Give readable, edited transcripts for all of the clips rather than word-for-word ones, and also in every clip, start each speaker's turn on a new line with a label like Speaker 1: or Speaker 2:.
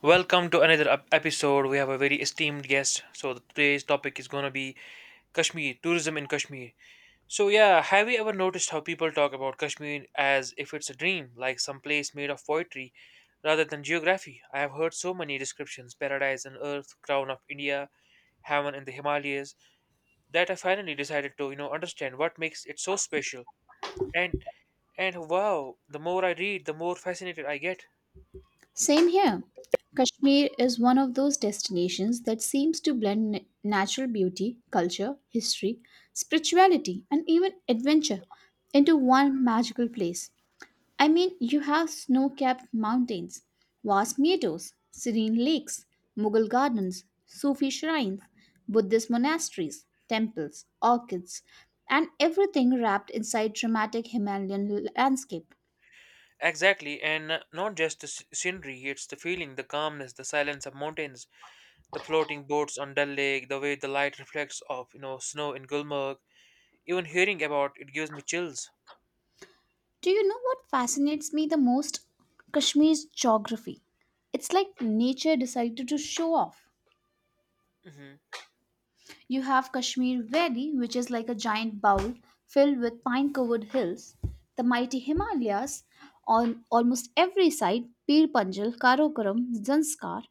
Speaker 1: Welcome to another episode. We have a very esteemed guest. So today's topic is gonna be Kashmir tourism in Kashmir. So yeah, have you ever noticed how people talk about Kashmir as if it's a dream, like some place made of poetry, rather than geography? I have heard so many descriptions: paradise on earth, crown of India, heaven in the Himalayas. That I finally decided to understand what makes it so special. And and wow, the more I read, the more fascinated I get.
Speaker 2: Same here. Kashmir is one of those destinations that seems to blend natural beauty, culture, history, spirituality, and even adventure into one magical place. I mean, you have snow capped mountains, vast meadows, serene lakes, Mughal gardens, Sufi shrines, Buddhist monasteries, temples, orchids, and everything wrapped inside dramatic Himalayan landscape.
Speaker 1: Exactly, and not just the scenery, it's the feeling, the calmness, the silence of mountains, the floating boats on Dal Lake, the way the light reflects off, you know, snow in Gulmarg. Even hearing about it gives me chills.
Speaker 2: Do you know what fascinates me the most? Kashmir's geography. It's like nature decided to show off.
Speaker 1: Hmm.
Speaker 2: You have Kashmir Valley, which is like a giant bowl filled with pine covered hills, the mighty Himalayas on almost every side, Pir Panjal, Karakoram, Zanskar,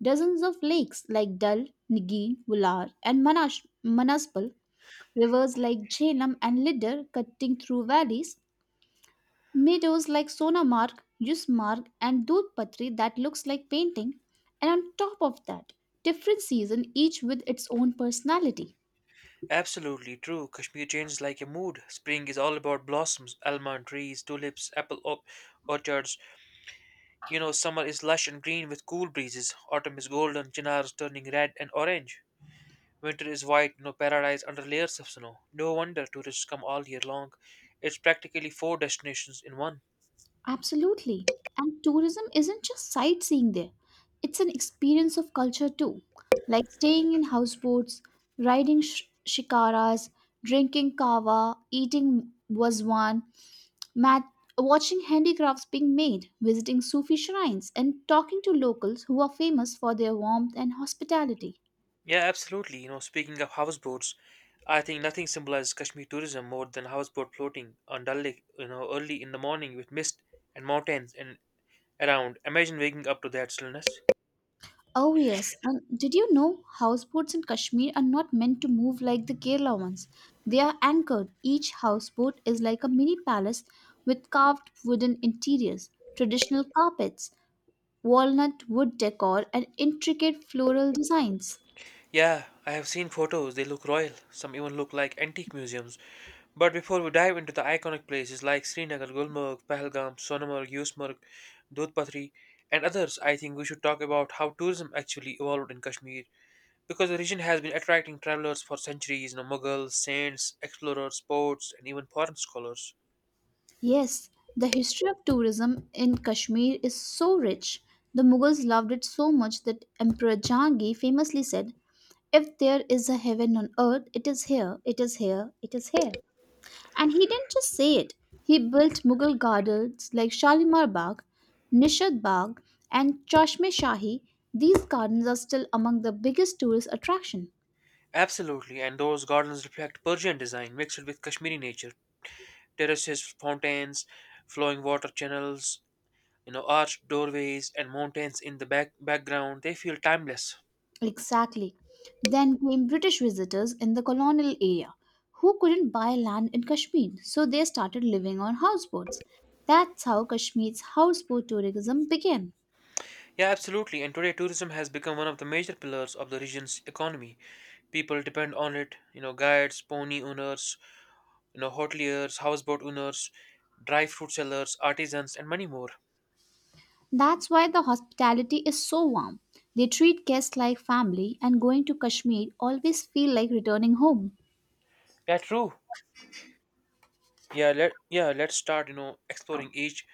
Speaker 2: dozens of lakes like Dal, Nigeen, Vular, and Manaspal, rivers like Jhelum and Lidar cutting through valleys, meadows like Sonamarg, Yusmarg, and Dudhpatri that looks like painting, and on top of that, different season each with its own personality.
Speaker 1: Absolutely true. Kashmir changes like a mood. Spring is all about blossoms, almond trees, tulips, apple orchards. You know, summer is lush and green with cool breezes. Autumn is golden, chinars turning red and orange. Winter is white, no paradise under layers of snow. No wonder tourists come all year long. It's practically four destinations in one.
Speaker 2: Absolutely. And tourism isn't just sightseeing there. It's an experience of culture too, like staying in houseboats, riding shikaras, drinking kava, eating waswan. Mat- Watching handicrafts being made, visiting Sufi shrines, and talking to locals who are famous for their warmth and hospitality.
Speaker 1: Yeah, absolutely. You know, speaking of houseboats, I think nothing symbolizes Kashmir tourism more than houseboat floating on Dal Lake, you know, early in the morning with mist and mountains and around. Imagine waking up to that stillness.
Speaker 2: Oh, yes, and did you know houseboats in Kashmir are not meant to move like the Kerala ones? They are anchored. Each houseboat is like a mini palace with carved wooden interiors, traditional carpets, walnut wood decor, and intricate floral designs.
Speaker 1: Yeah, I have seen photos. They look royal. Some even look like antique museums. But before we dive into the iconic places like Srinagar, Gulmarg, Pahalgam, Sonamarg, Yusmarg, Dudhpatri, and others, I think we should talk about how tourism actually evolved in Kashmir. Because the region has been attracting travelers for centuries, you know, Mughals, saints, explorers, sports, and even foreign scholars.
Speaker 2: Yes, the history of tourism in Kashmir is so rich. The Mughals loved it so much that Emperor Jahangir famously said, "If there is a heaven on earth, it is here, it is here, it is here." And he didn't just say it, he built Mughal gardens like Shalimar Bagh, Nishad Bagh, and Chashme Shahi. These gardens are still among the biggest tourist attractions.
Speaker 1: Absolutely, and those gardens reflect Persian design mixed with Kashmiri nature. Terraces, fountains, flowing water channels, you know, arched doorways and mountains in the background, they feel timeless.
Speaker 2: Exactly. Then came British visitors in the colonial area who couldn't buy land in Kashmir, so they started living on houseboats. That's how Kashmir's houseboat tourism began.
Speaker 1: Yeah, absolutely. And today, tourism has become one of the major pillars of the region's economy. People depend on it. You know, guides, pony owners, you know, hoteliers, houseboat owners, dry fruit sellers, artisans, and many more.
Speaker 2: That's why the hospitality is so warm. They treat guests like family, and going to Kashmir always feel like returning home.
Speaker 1: Yeah, true. Yeah, let's start. Exploring each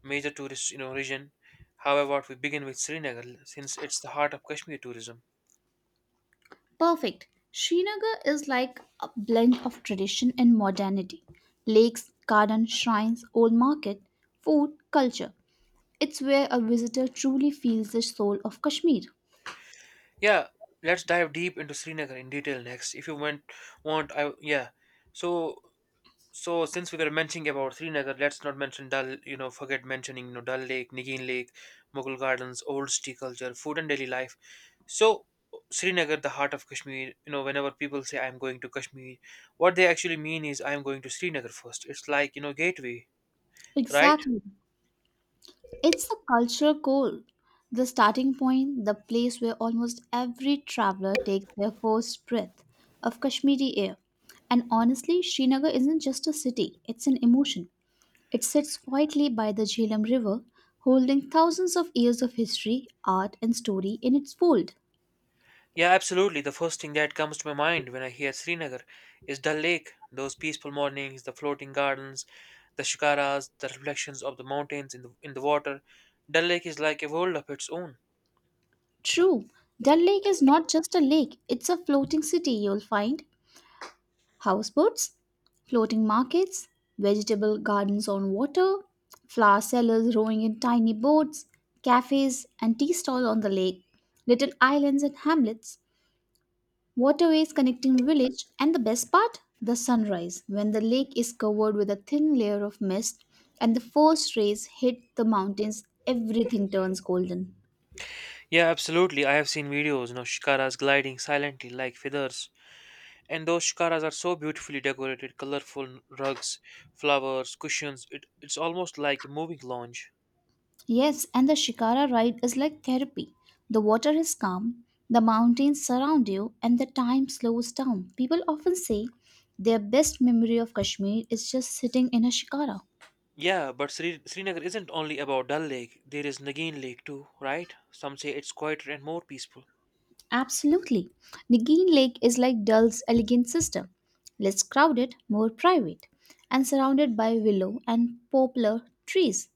Speaker 1: major tourist region. How about we begin with Srinagar, since it's the heart of Kashmir tourism?
Speaker 2: Perfect. Srinagar is like a blend of tradition and modernity. Lakes, gardens, shrines, old market, food, culture. It's where a visitor truly feels the soul of Kashmir.
Speaker 1: Yeah, let's dive deep into Srinagar in detail next. If you want I yeah. So so since we were mentioning about Srinagar, let's not mention Dal. You know, forget mentioning Dal Lake, Nigeen Lake, Mughal Gardens, old tea culture, food and daily life. So Srinagar, the heart of Kashmir. You know, whenever people say I'm going to Kashmir, what they actually mean is I'm going to Srinagar first. It's like gateway, right?
Speaker 2: Exactly. It's the cultural core, the starting point, the place where almost every traveler takes their first breath of Kashmiri air. And honestly, Srinagar isn't just a city, it's an emotion. It sits quietly by the Jhelum River, holding thousands of years of history, art, and story in its fold.
Speaker 1: Yeah, absolutely. The first thing that comes to my mind when I hear Srinagar is Dal Lake, those peaceful mornings, the floating gardens, the shikaras, the reflections of the mountains in the water. Dal Lake is like a world of its own.
Speaker 2: True, Dal Lake is not just a lake, it's a floating city. You'll find houseboats, floating markets, vegetable gardens on water, flower sellers rowing in tiny boats, cafes and tea stalls on the lake, little islands and hamlets, waterways connecting village, and the best part, the sunrise, when the lake is covered with a thin layer of mist and the first rays hit the mountains, everything turns golden.
Speaker 1: Yeah, absolutely. I have seen videos, you know, shikaras gliding silently like feathers. And those shikaras are so beautifully decorated, colorful rugs, flowers, cushions. It's almost like a moving lounge.
Speaker 2: Yes, and the Shikara ride is like therapy. The water is calm, the mountains surround you, and the time slows down. People often say their best memory of Kashmir is just sitting in a Shikara.
Speaker 1: Yeah, but Srinagar isn't only about Dal Lake. There is Nagin Lake too, right? Some say it's quieter and more peaceful.
Speaker 2: Absolutely. Nagin Lake is like Dul's elegant sister, less crowded, more private, and surrounded by willow and poplar trees.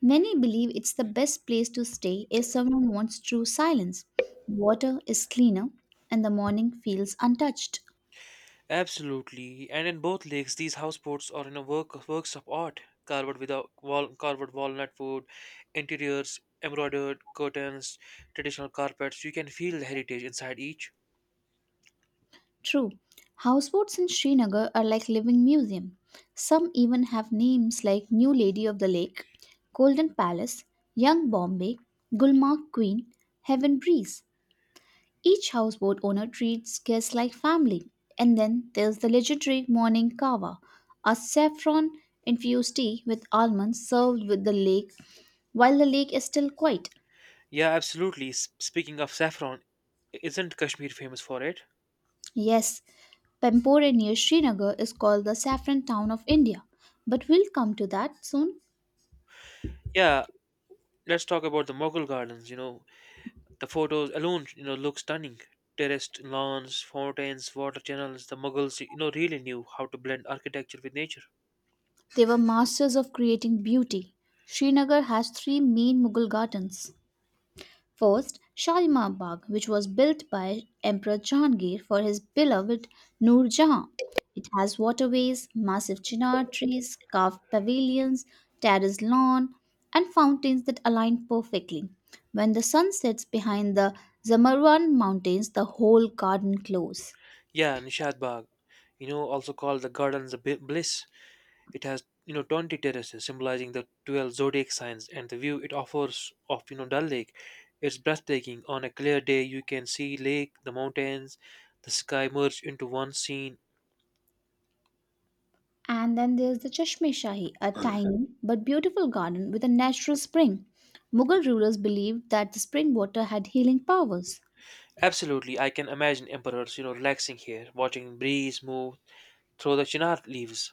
Speaker 2: Many believe it's the best place to stay if someone wants true silence. Water is cleaner, and the morning feels untouched.
Speaker 1: Absolutely. And in both lakes, these houseboats are in a works of art, carved with a wall, carved walnut wood, interiors, embroidered curtains, traditional carpets. You can feel the heritage inside each.
Speaker 2: True, houseboats in Srinagar are like living museum. Some even have names like New Lady of the Lake, Golden Palace, Young Bombay, Gulmarg Queen, Heaven Breeze. Each houseboat owner treats guests like family. And then there's the legendary morning kava, a saffron infused tea with almonds served with the lake while the lake is still quiet.
Speaker 1: Yeah, absolutely. Speaking of saffron, isn't Kashmir famous for it?
Speaker 2: Yes, Pampore near Srinagar is called the saffron town of India, but we'll come to that soon.
Speaker 1: Yeah, let's talk about the Mughal gardens. You know, the photos alone, you know, look stunning. Terraced lawns, fountains, water channels. The Mughals, you know, really knew how to blend architecture with nature.
Speaker 2: They were masters of creating beauty. Srinagar has three main Mughal gardens. First, Shalimar Bagh, which was built by Emperor Jahangir for his beloved Noor Jahan. It has waterways, massive chinar trees, carved pavilions, terraced lawn, and fountains that align perfectly. When the sun sets behind the Zamarwan mountains, the whole garden glows.
Speaker 1: Yeah, Nishad Bagh, you know, also called the Gardens of Bliss. It has, you know, 20 terraces symbolizing the 12 zodiac signs and the view it offers of, you know, Dal Lake. It's breathtaking. On a clear day, you can see lake, the mountains, the sky merge into one scene.
Speaker 2: And then there's the Chashme Shahi, a tiny but beautiful garden with a natural spring. Mughal rulers believed that the spring water had healing powers.
Speaker 1: Absolutely, I can imagine emperors, you know, relaxing here, watching breeze move through the chinar leaves.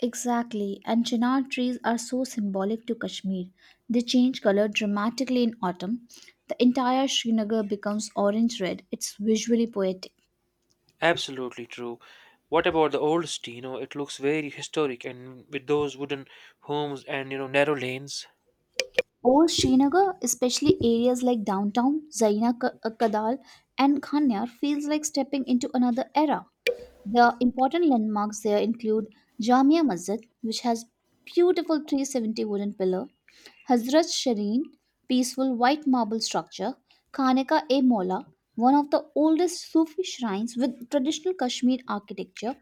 Speaker 2: Exactly, and chinar trees are so symbolic to Kashmir. They change color dramatically in autumn. The entire Srinagar becomes orange red. It's visually poetic.
Speaker 1: Absolutely true. What about the old city? You know, it looks very historic and with those wooden homes and, you know, narrow lanes.
Speaker 2: Old Srinagar, especially areas like downtown, Zaina Kadal, and Khanyar, feels like stepping into another era. The important landmarks there include Jamia Masjid, which has beautiful 370 wooden pillar, Hazrat Shireen, peaceful white marble structure, Kaneka e Mola, one of the oldest Sufi shrines with traditional Kashmir architecture,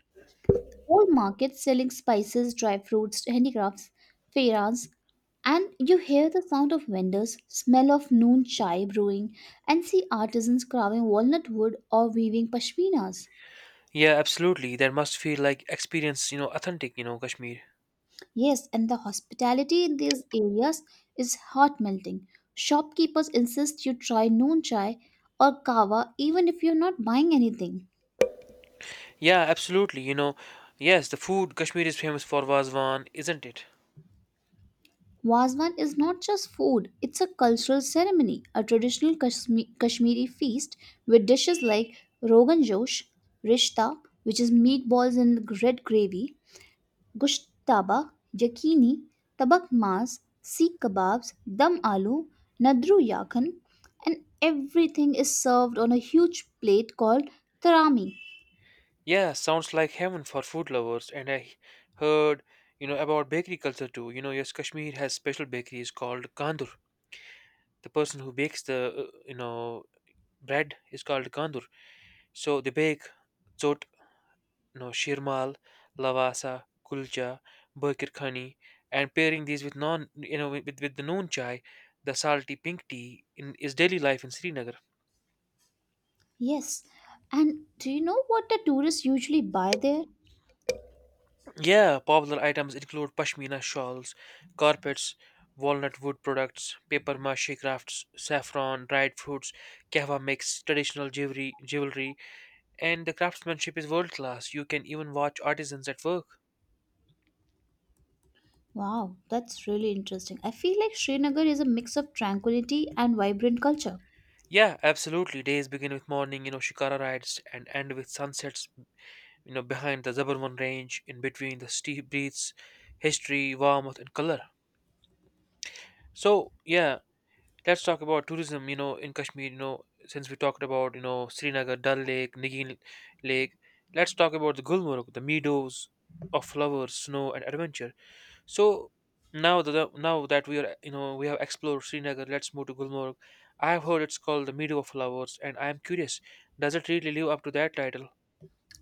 Speaker 2: old market selling spices, dry fruits, handicrafts, fairs, and you hear the sound of vendors, smell of noon chai brewing, and see artisans carving walnut wood or weaving pashminas.
Speaker 1: Yeah, absolutely. That must feel like experience, you know, authentic, you know, Kashmir.
Speaker 2: Yes, and the hospitality in these areas is heart melting. Shopkeepers insist you try noon chai or kava even if you're not buying anything.
Speaker 1: Yeah, absolutely. You know, yes, the food Kashmir is famous for Vazwan, isn't it?
Speaker 2: Wazwan is not just food, it's a cultural ceremony, a traditional Kashmiri feast with dishes like rogan josh, rishta, which is meatballs in red gravy, Gushtaba, taba, yakini, tabak mas, seekh kebabs, dum aloo, nadru yakhan, and everything is served on a huge plate called tarami.
Speaker 1: Yeah, sounds like heaven for food lovers. And I heard, you know, about bakery culture too. You know, yes, Kashmir has special bakeries called Kandur. The person who bakes the, you know, bread is called Kandur. So they bake no shirmal, lavasa, kulcha, bakir khani, and pairing these with non, you know, with the noon chai, the salty pink tea in is daily life in Srinagar.
Speaker 2: Yes, and do you know what the tourists usually buy there?
Speaker 1: Yeah, popular items include pashmina shawls, carpets, walnut wood products, paper mache crafts, saffron, dried fruits, kahwa mix, traditional jewelry, and the craftsmanship is world class. You can even watch artisans at work.
Speaker 2: Wow, that's really interesting. I feel like Srinagar is a mix of tranquility and vibrant culture.
Speaker 1: Yeah, absolutely. Days begin with morning, you know, shikara rides and end with sunsets, you know, behind the Zabarman range, in between the steep breaths, history, warmth, and color. So yeah, let's talk about tourism. You know, in Kashmir, you know, since we talked about Srinagar, Dal Lake, Nigin Lake, let's talk about the Gulmarg, the meadows of flowers, snow, and adventure. So now that we are we have explored Srinagar, let's move to Gulmarg. I have heard it's called the meadow of flowers, and I am curious, does it really live up to that title?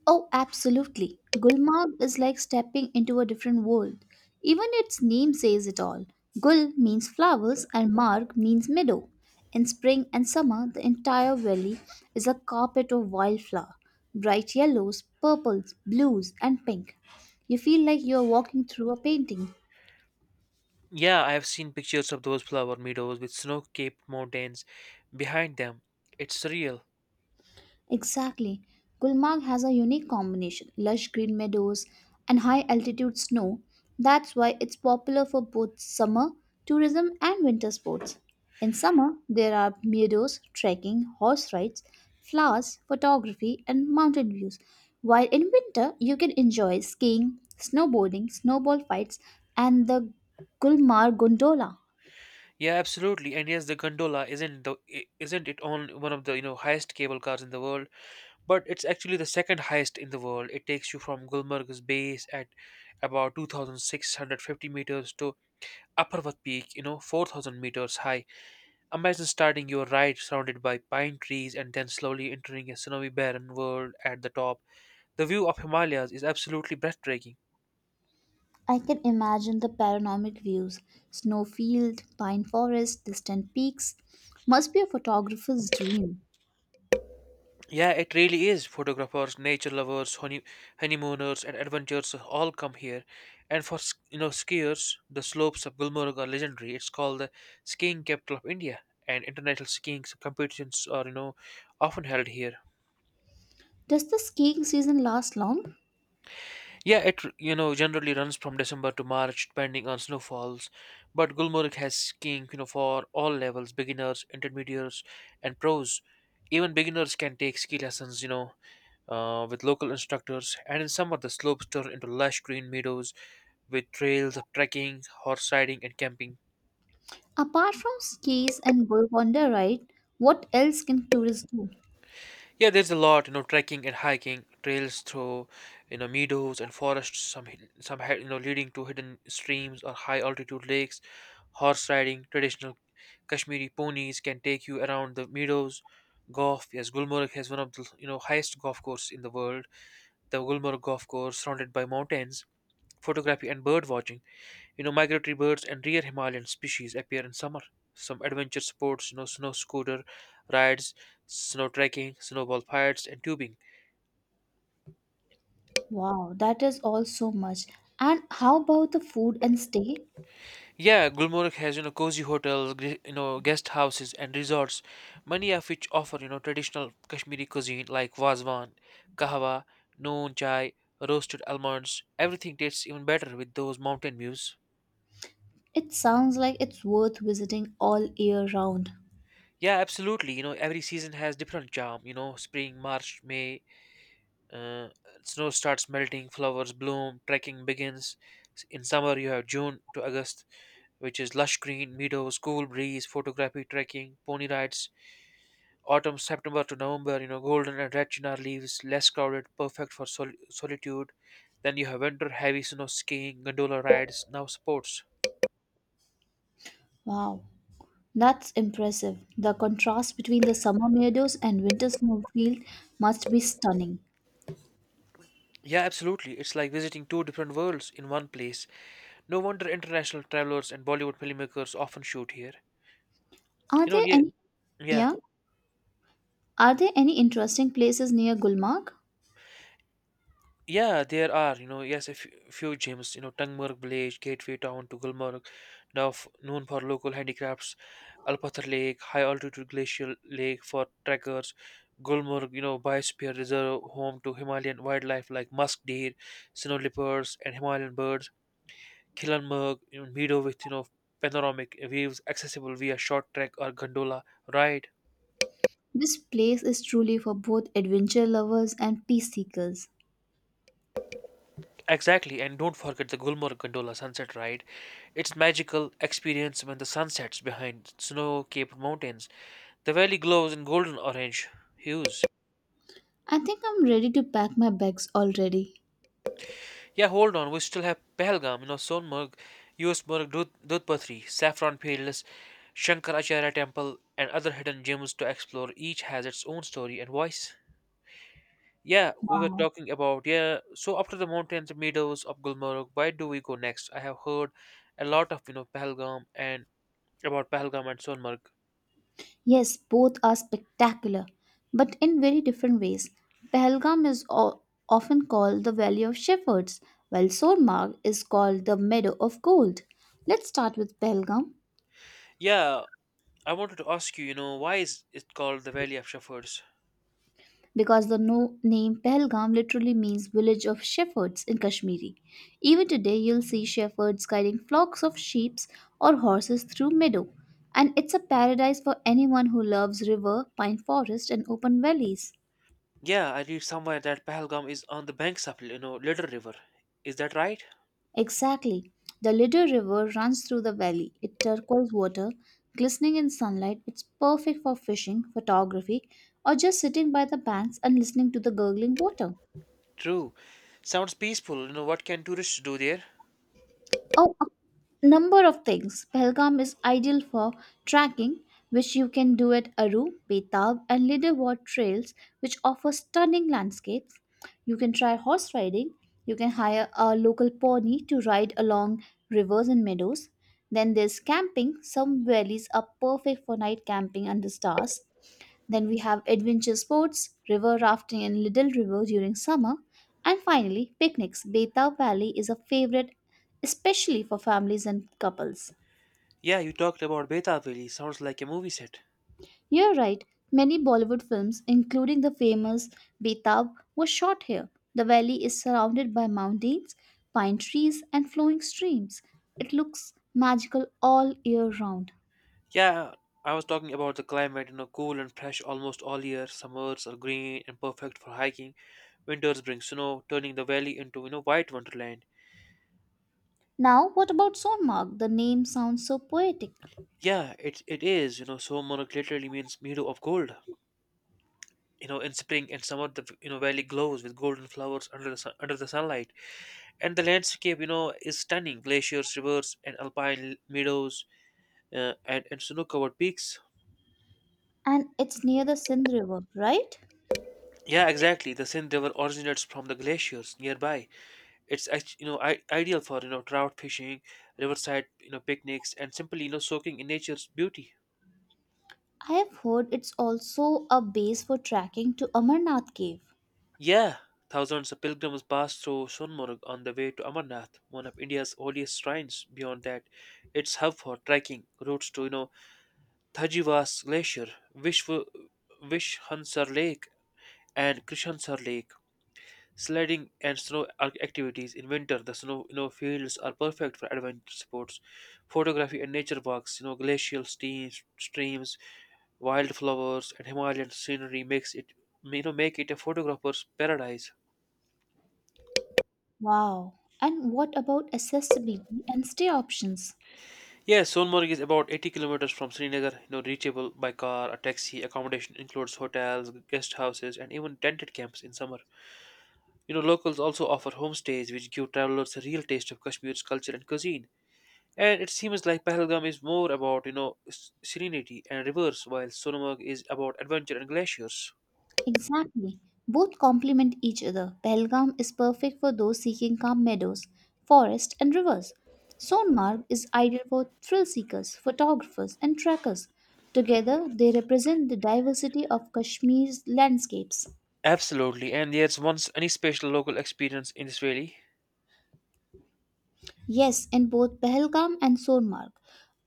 Speaker 2: Oh, absolutely. Gulmarg is like stepping into a different world. Even its name says it all. Gul means flowers and marg means meadow. In spring and summer, the entire valley is a carpet of wildflower, bright yellows, purples, blues, and pink. You feel like you are walking through a painting.
Speaker 1: Yeah, I have seen pictures of those flower meadows with snow-capped mountains behind them. It's surreal.
Speaker 2: Exactly. Gulmarg has a unique combination lush green meadows and high altitude snow. That's why it's popular for both summer tourism and winter sports. In summer, there are meadows, trekking, horse rides, flowers, photography, and mountain views. While in winter, you can enjoy skiing, snowboarding, snowball fights, and the Gulmarg gondola.
Speaker 1: Yeah, absolutely. And yes, the gondola isn't the I- isn't it on one of the you know highest cable cars in the world, but it's actually the second highest in the world. It takes you from Gulmarg's base at about 2,650 meters to Upperworth Peak, you know, 4,000 meters high. Imagine starting your ride surrounded by pine trees and then slowly entering a snowy barren world at the top. The view of Himalayas is absolutely breathtaking.
Speaker 2: I can imagine the panoramic views snowfield, pine forest, distant peaks. Must be a photographer's dream.
Speaker 1: Yeah, it really is. Photographers, nature lovers, honeymooners, and adventurers all come here. And for you know skiers, the slopes of Gulmarg are legendary. It's called the skiing capital of India, and international skiing competitions are you know often held here.
Speaker 2: Does the skiing season last long?
Speaker 1: Yeah, you know generally runs from December to March, depending on snowfalls. But Gulmarg has skiing you know for all levels: beginners, intermediates, and pros. Even beginners can take ski lessons. You know with local instructors, and in summer the slopes turn into lush green meadows with trails of trekking, horse riding, and camping.
Speaker 2: Apart from skis and bird wander, ride, what else can tourists do?
Speaker 1: Yeah, there's a lot, you know, trekking and hiking, trails through, you know, meadows and forests, some hid- some hi- you know leading to hidden streams or high altitude lakes. Horse riding, traditional Kashmiri ponies can take you around the meadows. Golf, yes, Gulmarg has one of the you know highest golf course in the world. The Gulmarg golf course, surrounded by mountains, photography and bird watching. You know, migratory birds and rare Himalayan species appear in summer. Some adventure sports, you know, snow scooter rides, snow trekking, snowball fights, and tubing.
Speaker 2: Wow, that is all so much. And how about the food and stay?
Speaker 1: Yeah, Gulmarg has you know cozy hotels, you know guest houses and resorts, many of which offer you know traditional Kashmiri cuisine like wazwan, kahwa, noon chai, roasted almonds. Everything tastes even better with those mountain views.
Speaker 2: It sounds like it's worth visiting all year round.
Speaker 1: Yeah, absolutely. You know, every season has different charm. You know, spring, March, May, Uh, snow starts melting, flowers bloom, trekking begins. In summer, you have June to August, which is lush green meadows, cool breeze, photography, trekking, pony rides. Autumn, September to November, you know, golden and red chinar leaves, less crowded, perfect for solitude. Then you have winter, heavy snow skiing, gondola rides, now sports.
Speaker 2: Wow, that's impressive. The contrast between the summer meadows and winter snowfield must be stunning.
Speaker 1: Yeah, absolutely. It's like visiting two different worlds in one place. No wonder international travelers and Bollywood filmmakers often shoot here.
Speaker 2: Are
Speaker 1: You know,
Speaker 2: there
Speaker 1: yeah,
Speaker 2: any,
Speaker 1: yeah.
Speaker 2: yeah? Are there any interesting places near Gulmarg?
Speaker 1: Yeah, there are, you know, yes, few gyms, you know, Tungmurg village, gateway town to Gulmarg, known for local handicrafts, Alpathar Lake, high altitude glacial lake for trekkers, Gulmarg, you know, biosphere reserve, home to Himalayan wildlife like musk deer, snow leopards, and Himalayan birds, Kilanmurg, you know, meadow with, you know, panoramic views accessible via short trek or gondola ride.
Speaker 2: This place is truly for both adventure lovers and peace seekers.
Speaker 1: Exactly, and don't forget the Gulmarg Gondola sunset ride. It's magical experience when the sun sets behind snow-capped mountains. The valley glows in golden orange hues.
Speaker 2: I think I'm ready to pack my bags already.
Speaker 1: Yeah, hold on, we still have Pahalgam, you know, Sonmarg, Yusmarg, Dudpatri, Saffron Peerless, Shankaracharya Temple, and other hidden gems to explore. Each has its own story and voice. Yeah, we were
Speaker 2: Wow.
Speaker 1: talking about, yeah, so after the mountains and meadows of Gulmarg, where do we go next? I have heard a lot of, Pahalgam and about Pahalgam and Sonmarg.
Speaker 2: Yes, both are spectacular, but in very different ways. Pahalgam is often called the Valley of Shepherds, while Sormarg is called the Meadow of Gold. Let's start with Pahalgam.
Speaker 1: Yeah, I wanted to ask you, why is it called the Valley of Shepherds?
Speaker 2: Because the name Pahalgam literally means village of shepherds in Kashmiri. Even today, you'll see shepherds guiding flocks of sheep or horses through meadow, and it's a paradise for anyone who loves river, pine forest, and open valleys.
Speaker 1: Yeah, I read somewhere that Pahalgam is on the banks of, Little River. Is that right?
Speaker 2: Exactly. The Lido River runs through the valley. It turquoise water, glistening in sunlight. It's perfect for fishing, photography, or just sitting by the banks and listening to the gurgling water.
Speaker 1: True. Sounds peaceful. What can tourists do there?
Speaker 2: Oh, a number of things. Pahalgam is ideal for tracking, which you can do at Aru, Betab, and Lidewar trails, which offer stunning landscapes. You can try horse riding. You can hire a local pony to ride along rivers and meadows. Then there's camping. Some valleys are perfect for night camping under stars. Then we have adventure sports, river rafting in Little River during summer. And finally, picnics. Betau Valley is a favorite, especially for families and couples.
Speaker 1: Yeah, you talked about Beta Valley. Sounds like a movie set.
Speaker 2: You're right, many Bollywood films, including the famous Betau, were shot here. The valley is surrounded by mountains, pine trees, and flowing streams. It looks magical all year round.
Speaker 1: Yeah, I was talking about the climate, cool and fresh almost all year. Summers are green and perfect for hiking. Winters bring snow, turning the valley into, white wonderland.
Speaker 2: Now, what about Sonmark? The name sounds so poetic.
Speaker 1: Yeah, it is. Somorgh literally means meadow of gold. In spring and summer, the valley glows with golden flowers under the sunlight, and the landscape is stunning: glaciers, rivers, and alpine meadows, and snow-covered peaks.
Speaker 2: And it's near the Sindh River, right?
Speaker 1: Yeah, exactly. The Sindh River originates from the glaciers nearby. It's ideal for trout fishing, riverside picnics, and simply soaking in nature's beauty.
Speaker 2: I have heard it's also a base for trekking to Amarnath cave.
Speaker 1: Yeah, thousands of pilgrims pass through Sonmarg on the way to Amarnath, one of India's holiest shrines. Beyond that, it's hub for trekking routes to Thajiwas Glacier, Vishwa, Vishhansar Lake, and Krishansar Lake. Sledding and snow activities in winter. The snow fields are perfect for adventure sports, photography and nature walks. Glacial streams, wildflowers, and Himalayan scenery make it a photographer's paradise.
Speaker 2: Wow. And what about accessibility and stay options?
Speaker 1: Yes, Sonmarg is about 80 kilometers from Srinagar, reachable by car or taxi. Accommodation includes hotels, guest houses, and even tented camps in summer. Locals also offer homestays which give travelers a real taste of Kashmir's culture and cuisine. And it seems like Pahalgam is more about, serenity and rivers, while Sonmarg is about adventure and glaciers.
Speaker 2: Exactly. Both complement each other. Pahalgam is perfect for those seeking calm meadows, forests, and rivers. Sonmarg is ideal for thrill seekers, photographers, and trekkers. Together, they represent the diversity of Kashmir's landscapes.
Speaker 1: Absolutely, and there's once any special local experience in this valley.
Speaker 2: Yes, in both Pahalgam and Sonmarg,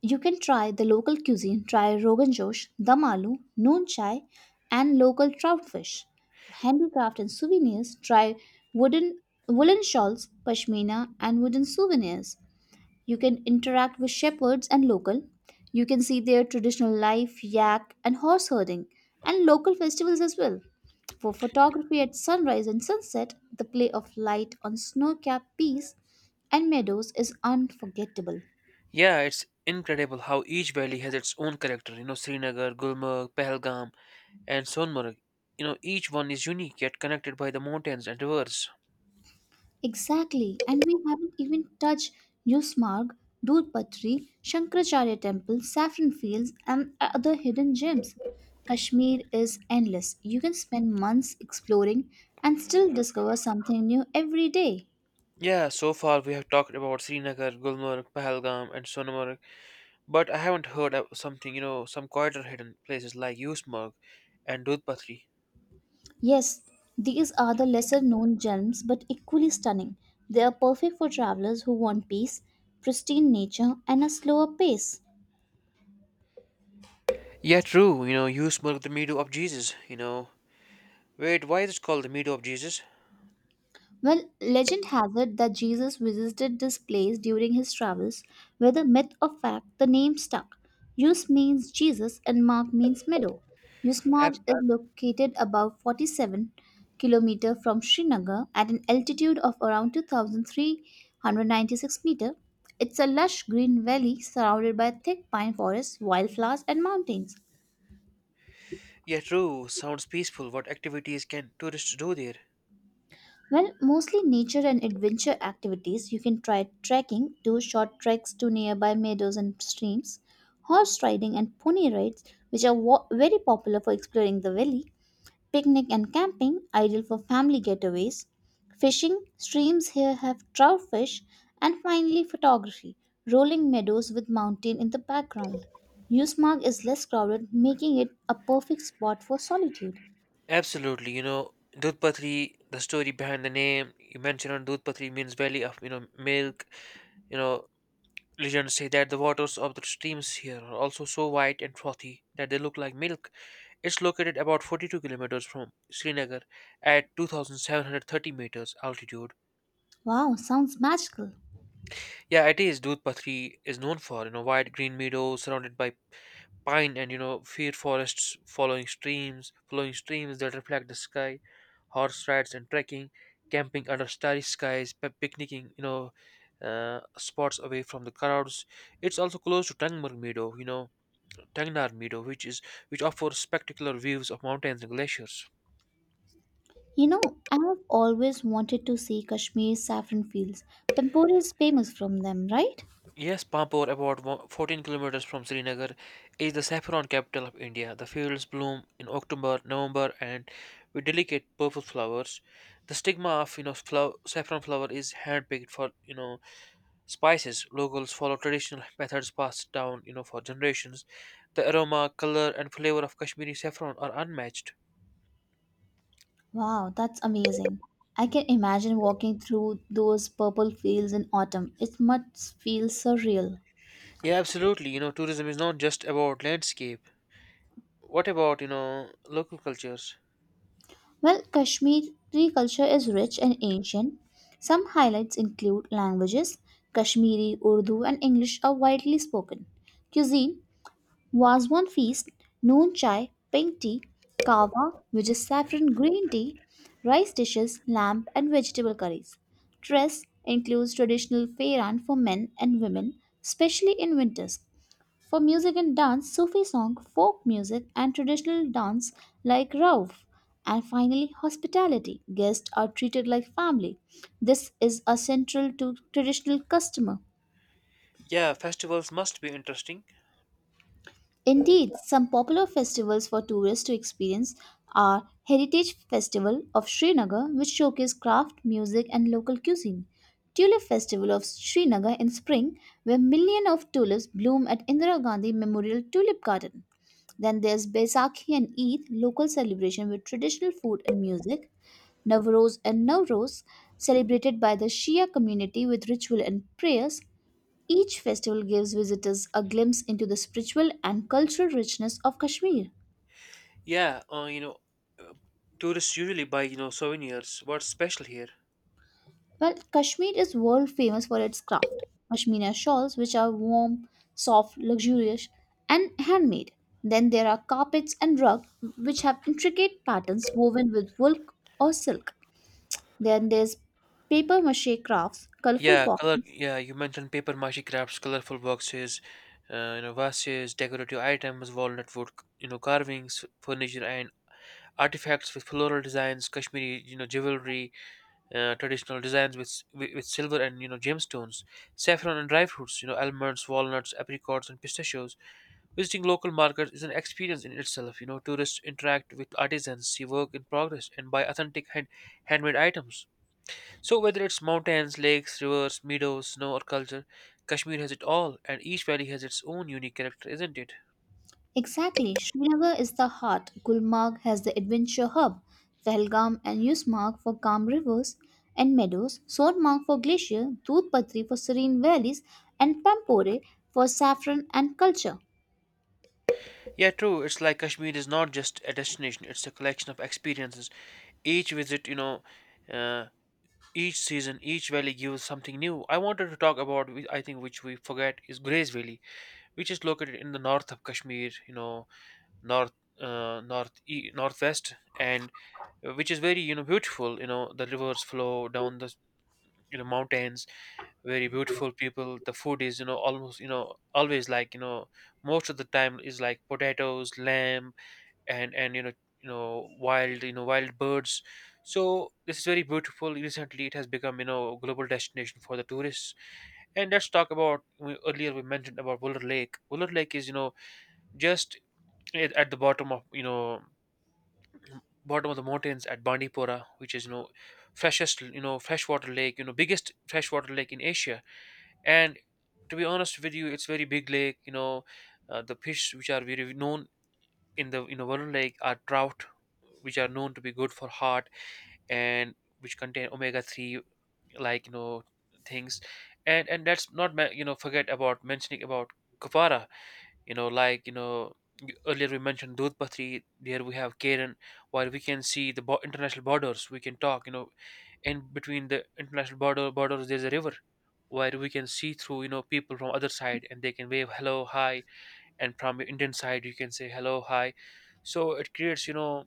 Speaker 2: you can try the local cuisine, try Rogan Josh, Dum Aloo, Noon Chai, and local trout fish. For handicraft and souvenirs, try wooden woolen shawls, pashmina, and wooden souvenirs. You can interact with shepherds and local. You can see their traditional life, yak and horse herding, and local festivals as well. For photography at sunrise and sunset, the play of light on snow capped peaks and meadows is unforgettable.
Speaker 1: Yeah, it's incredible how each valley has its own character. Srinagar, Gulmarg, Pahalgam, and Sonmarg. Each one is unique yet connected by the mountains and rivers.
Speaker 2: Exactly, and we haven't even touched Newsmarg, Dulpatri, Shankaracharya Temple, Saffron Fields, and other hidden gems. Kashmir is endless. You can spend months exploring and still discover something new every day.
Speaker 1: Yeah, so far we have talked about Srinagar, Gulmarg, Pahalgam, and Sonmarg, but I haven't heard of something, some quieter hidden places like Yusmarg and Dudpatri.
Speaker 2: Yes, these are the lesser known gems but equally stunning. They are perfect for travelers who want peace, pristine nature, and a slower pace.
Speaker 1: Yeah, true, Yusmarg, the meadow of Jesus. Wait, why is it called the meadow of Jesus?
Speaker 2: Well, legend has it that Jesus visited this place during his travels, whether myth or fact, the name stuck. Yus means Jesus and Mark means meadow.
Speaker 1: Abs-
Speaker 2: Yusmarg is located about 47 km from Srinagar at an altitude of around 2,396 meter. It's a lush green valley surrounded by thick pine forests, wildflowers, and mountains.
Speaker 1: yeah, true, sounds peaceful. What activities can tourists do there?
Speaker 2: Well, mostly nature and adventure activities. You can try trekking, do short treks to nearby meadows and streams, horse riding and pony rides, which are very popular for exploring the valley, picnic and camping, ideal for family getaways, fishing, streams here have trout fish, and finally photography, rolling meadows with mountain in the background. Usemarg is less crowded, making it a perfect spot for solitude.
Speaker 1: Absolutely, Dudpatri, the story behind the name you mentioned on Dudpatri means valley of, milk You know, Legends say that the waters of the streams here are also so white and frothy that they look like milk. It's located about 42 kilometers from Srinagar at 2,730 meters altitude.
Speaker 2: Wow, sounds magical.
Speaker 1: Yeah, it is. Dudhpatri is known for, wide green meadows surrounded by pine and, fir forests flowing streams that reflect the sky, horse rides and trekking, camping under starry skies, picnicking, spots away from the crowds. It's also close to Tangmarg Meadow, Tagnar Meadow, which offers spectacular views of mountains and glaciers.
Speaker 2: You know, I have always wanted to see Kashmir saffron fields. Pampori is famous from them, right?
Speaker 1: Yes, Pampur, about 14 kilometers from Srinagar, is the saffron capital of India. The fields bloom in October, November, and with delicate purple flowers. The stigma of saffron flower is handpicked for spices. Locals follow traditional methods passed down for generations. The aroma, color, and flavor of Kashmiri saffron are unmatched.
Speaker 2: Wow, that's amazing. I can imagine walking through those purple fields in autumn. It must feel surreal.
Speaker 1: Yeah, absolutely. Tourism is not just about landscape. What about, local cultures?
Speaker 2: Well, Kashmiri culture is rich and ancient. Some highlights include languages. Kashmiri, Urdu, and English are widely spoken. Cuisine Waswan feast, noon chai, pink tea, kava, which is saffron green tea, rice dishes, lamb, and vegetable curries. Dress includes traditional fairan for men and women, especially in winters. For music and dance, Sufi song, folk music, and traditional dance like Rauf. And finally, hospitality. Guests are treated like family. This is a central to traditional customer.
Speaker 1: Yeah, festivals must be interesting.
Speaker 2: Indeed, some popular festivals for tourists to experience are Heritage Festival of Srinagar, which showcase craft, music, and local cuisine. Tulip Festival of Srinagar in spring, where millions of tulips bloom at Indira Gandhi Memorial Tulip Garden. Then there's Baisakhi and Eid, local celebration with traditional food and music. Navroz and Navroz, celebrated by the Shia community with ritual and prayers. Each festival gives visitors a glimpse into the spiritual and cultural richness of Kashmir.
Speaker 1: Yeah, tourists usually buy, souvenirs. What's special here?
Speaker 2: Well, Kashmir is world famous for its craft. Pashmina shawls, which are warm, soft, luxurious, and handmade. Then there are carpets and rugs, which have intricate patterns woven with wool or silk. Then there's paper mache crafts, colorful
Speaker 1: Yeah, color.
Speaker 2: boxes,
Speaker 1: Yeah, you mentioned paper mache crafts, colorful boxes, vases, decorative items, walnut wood, carvings, furniture, and artifacts with floral designs, Kashmiri, jewelry, traditional designs with, s- with silver and gemstones, saffron and dry fruits, almonds, walnuts, apricots, and pistachios. Visiting local markets is an experience in itself. Tourists interact with artisans, see work in progress, and buy authentic handmade items. So, whether it's mountains, lakes, rivers, meadows, snow, or culture, Kashmir has it all, and each valley has its own unique character, isn't it?
Speaker 2: exactly. Srinagar is the heart. Gulmarg has the adventure hub, Pahalgam and Yusmarg for calm rivers and meadows, Sonmarg for glacier, Dudhpatri for serene valleys, and Pampore for saffron and culture.
Speaker 1: Yeah, true. It's like Kashmir is not just a destination; it's a collection of experiences. Each visit, uh, each season, each valley gives something new. I wanted to talk about, I think, which we forget is Grace Valley, which is located in the north of Kashmir. North Northwest. And Which is very beautiful. The rivers flow down the mountains. Very beautiful people. The food is almost always, like, most of the time is like potatoes, lamb, and wild you know wild birds. So this is very beautiful. Recently it has become global destination for the tourists. And let's talk about, earlier we mentioned about Buller Lake. Buller Lake is just at the bottom of the mountains at Bandipora, which is freshest you know freshwater lake, biggest freshwater lake in Asia. And to be honest with you, it's very big lake. The fish which are very known in the Varun Lake are trout, which are known to be good for heart and which contain omega-3 like you know things. And let's not forget about mentioning about kapara, you know like you know earlier we mentioned Dudhpatri. There we have Karen, while we can see the international borders. We can talk, in between the international borders there's a river where we can see through people from other side, and they can wave hello hi, and from your Indian side you can say hello hi. So it creates, you know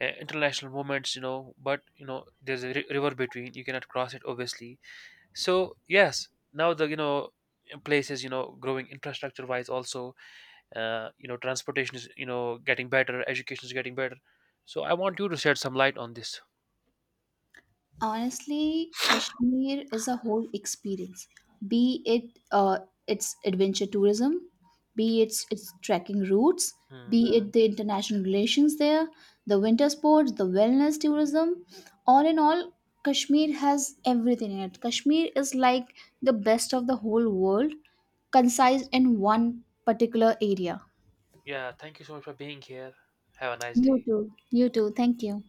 Speaker 1: uh, international movements, but there's a river between. You cannot cross it obviously. So yes, now the places, growing infrastructure wise also. Transportation is getting better. Education is getting better. So I want you to shed some light on this.
Speaker 2: Honestly, Kashmir is a whole experience. Be it its adventure tourism, be its trekking routes,
Speaker 1: Hmm.
Speaker 2: be it the international relations there, the winter sports, the wellness tourism. All in all, Kashmir has everything in it. Kashmir is like the best of the whole world, concised in one particular area.
Speaker 1: Yeah, thank you so much for being here. Have a nice
Speaker 2: You
Speaker 1: day.
Speaker 2: too. You too. Thank you.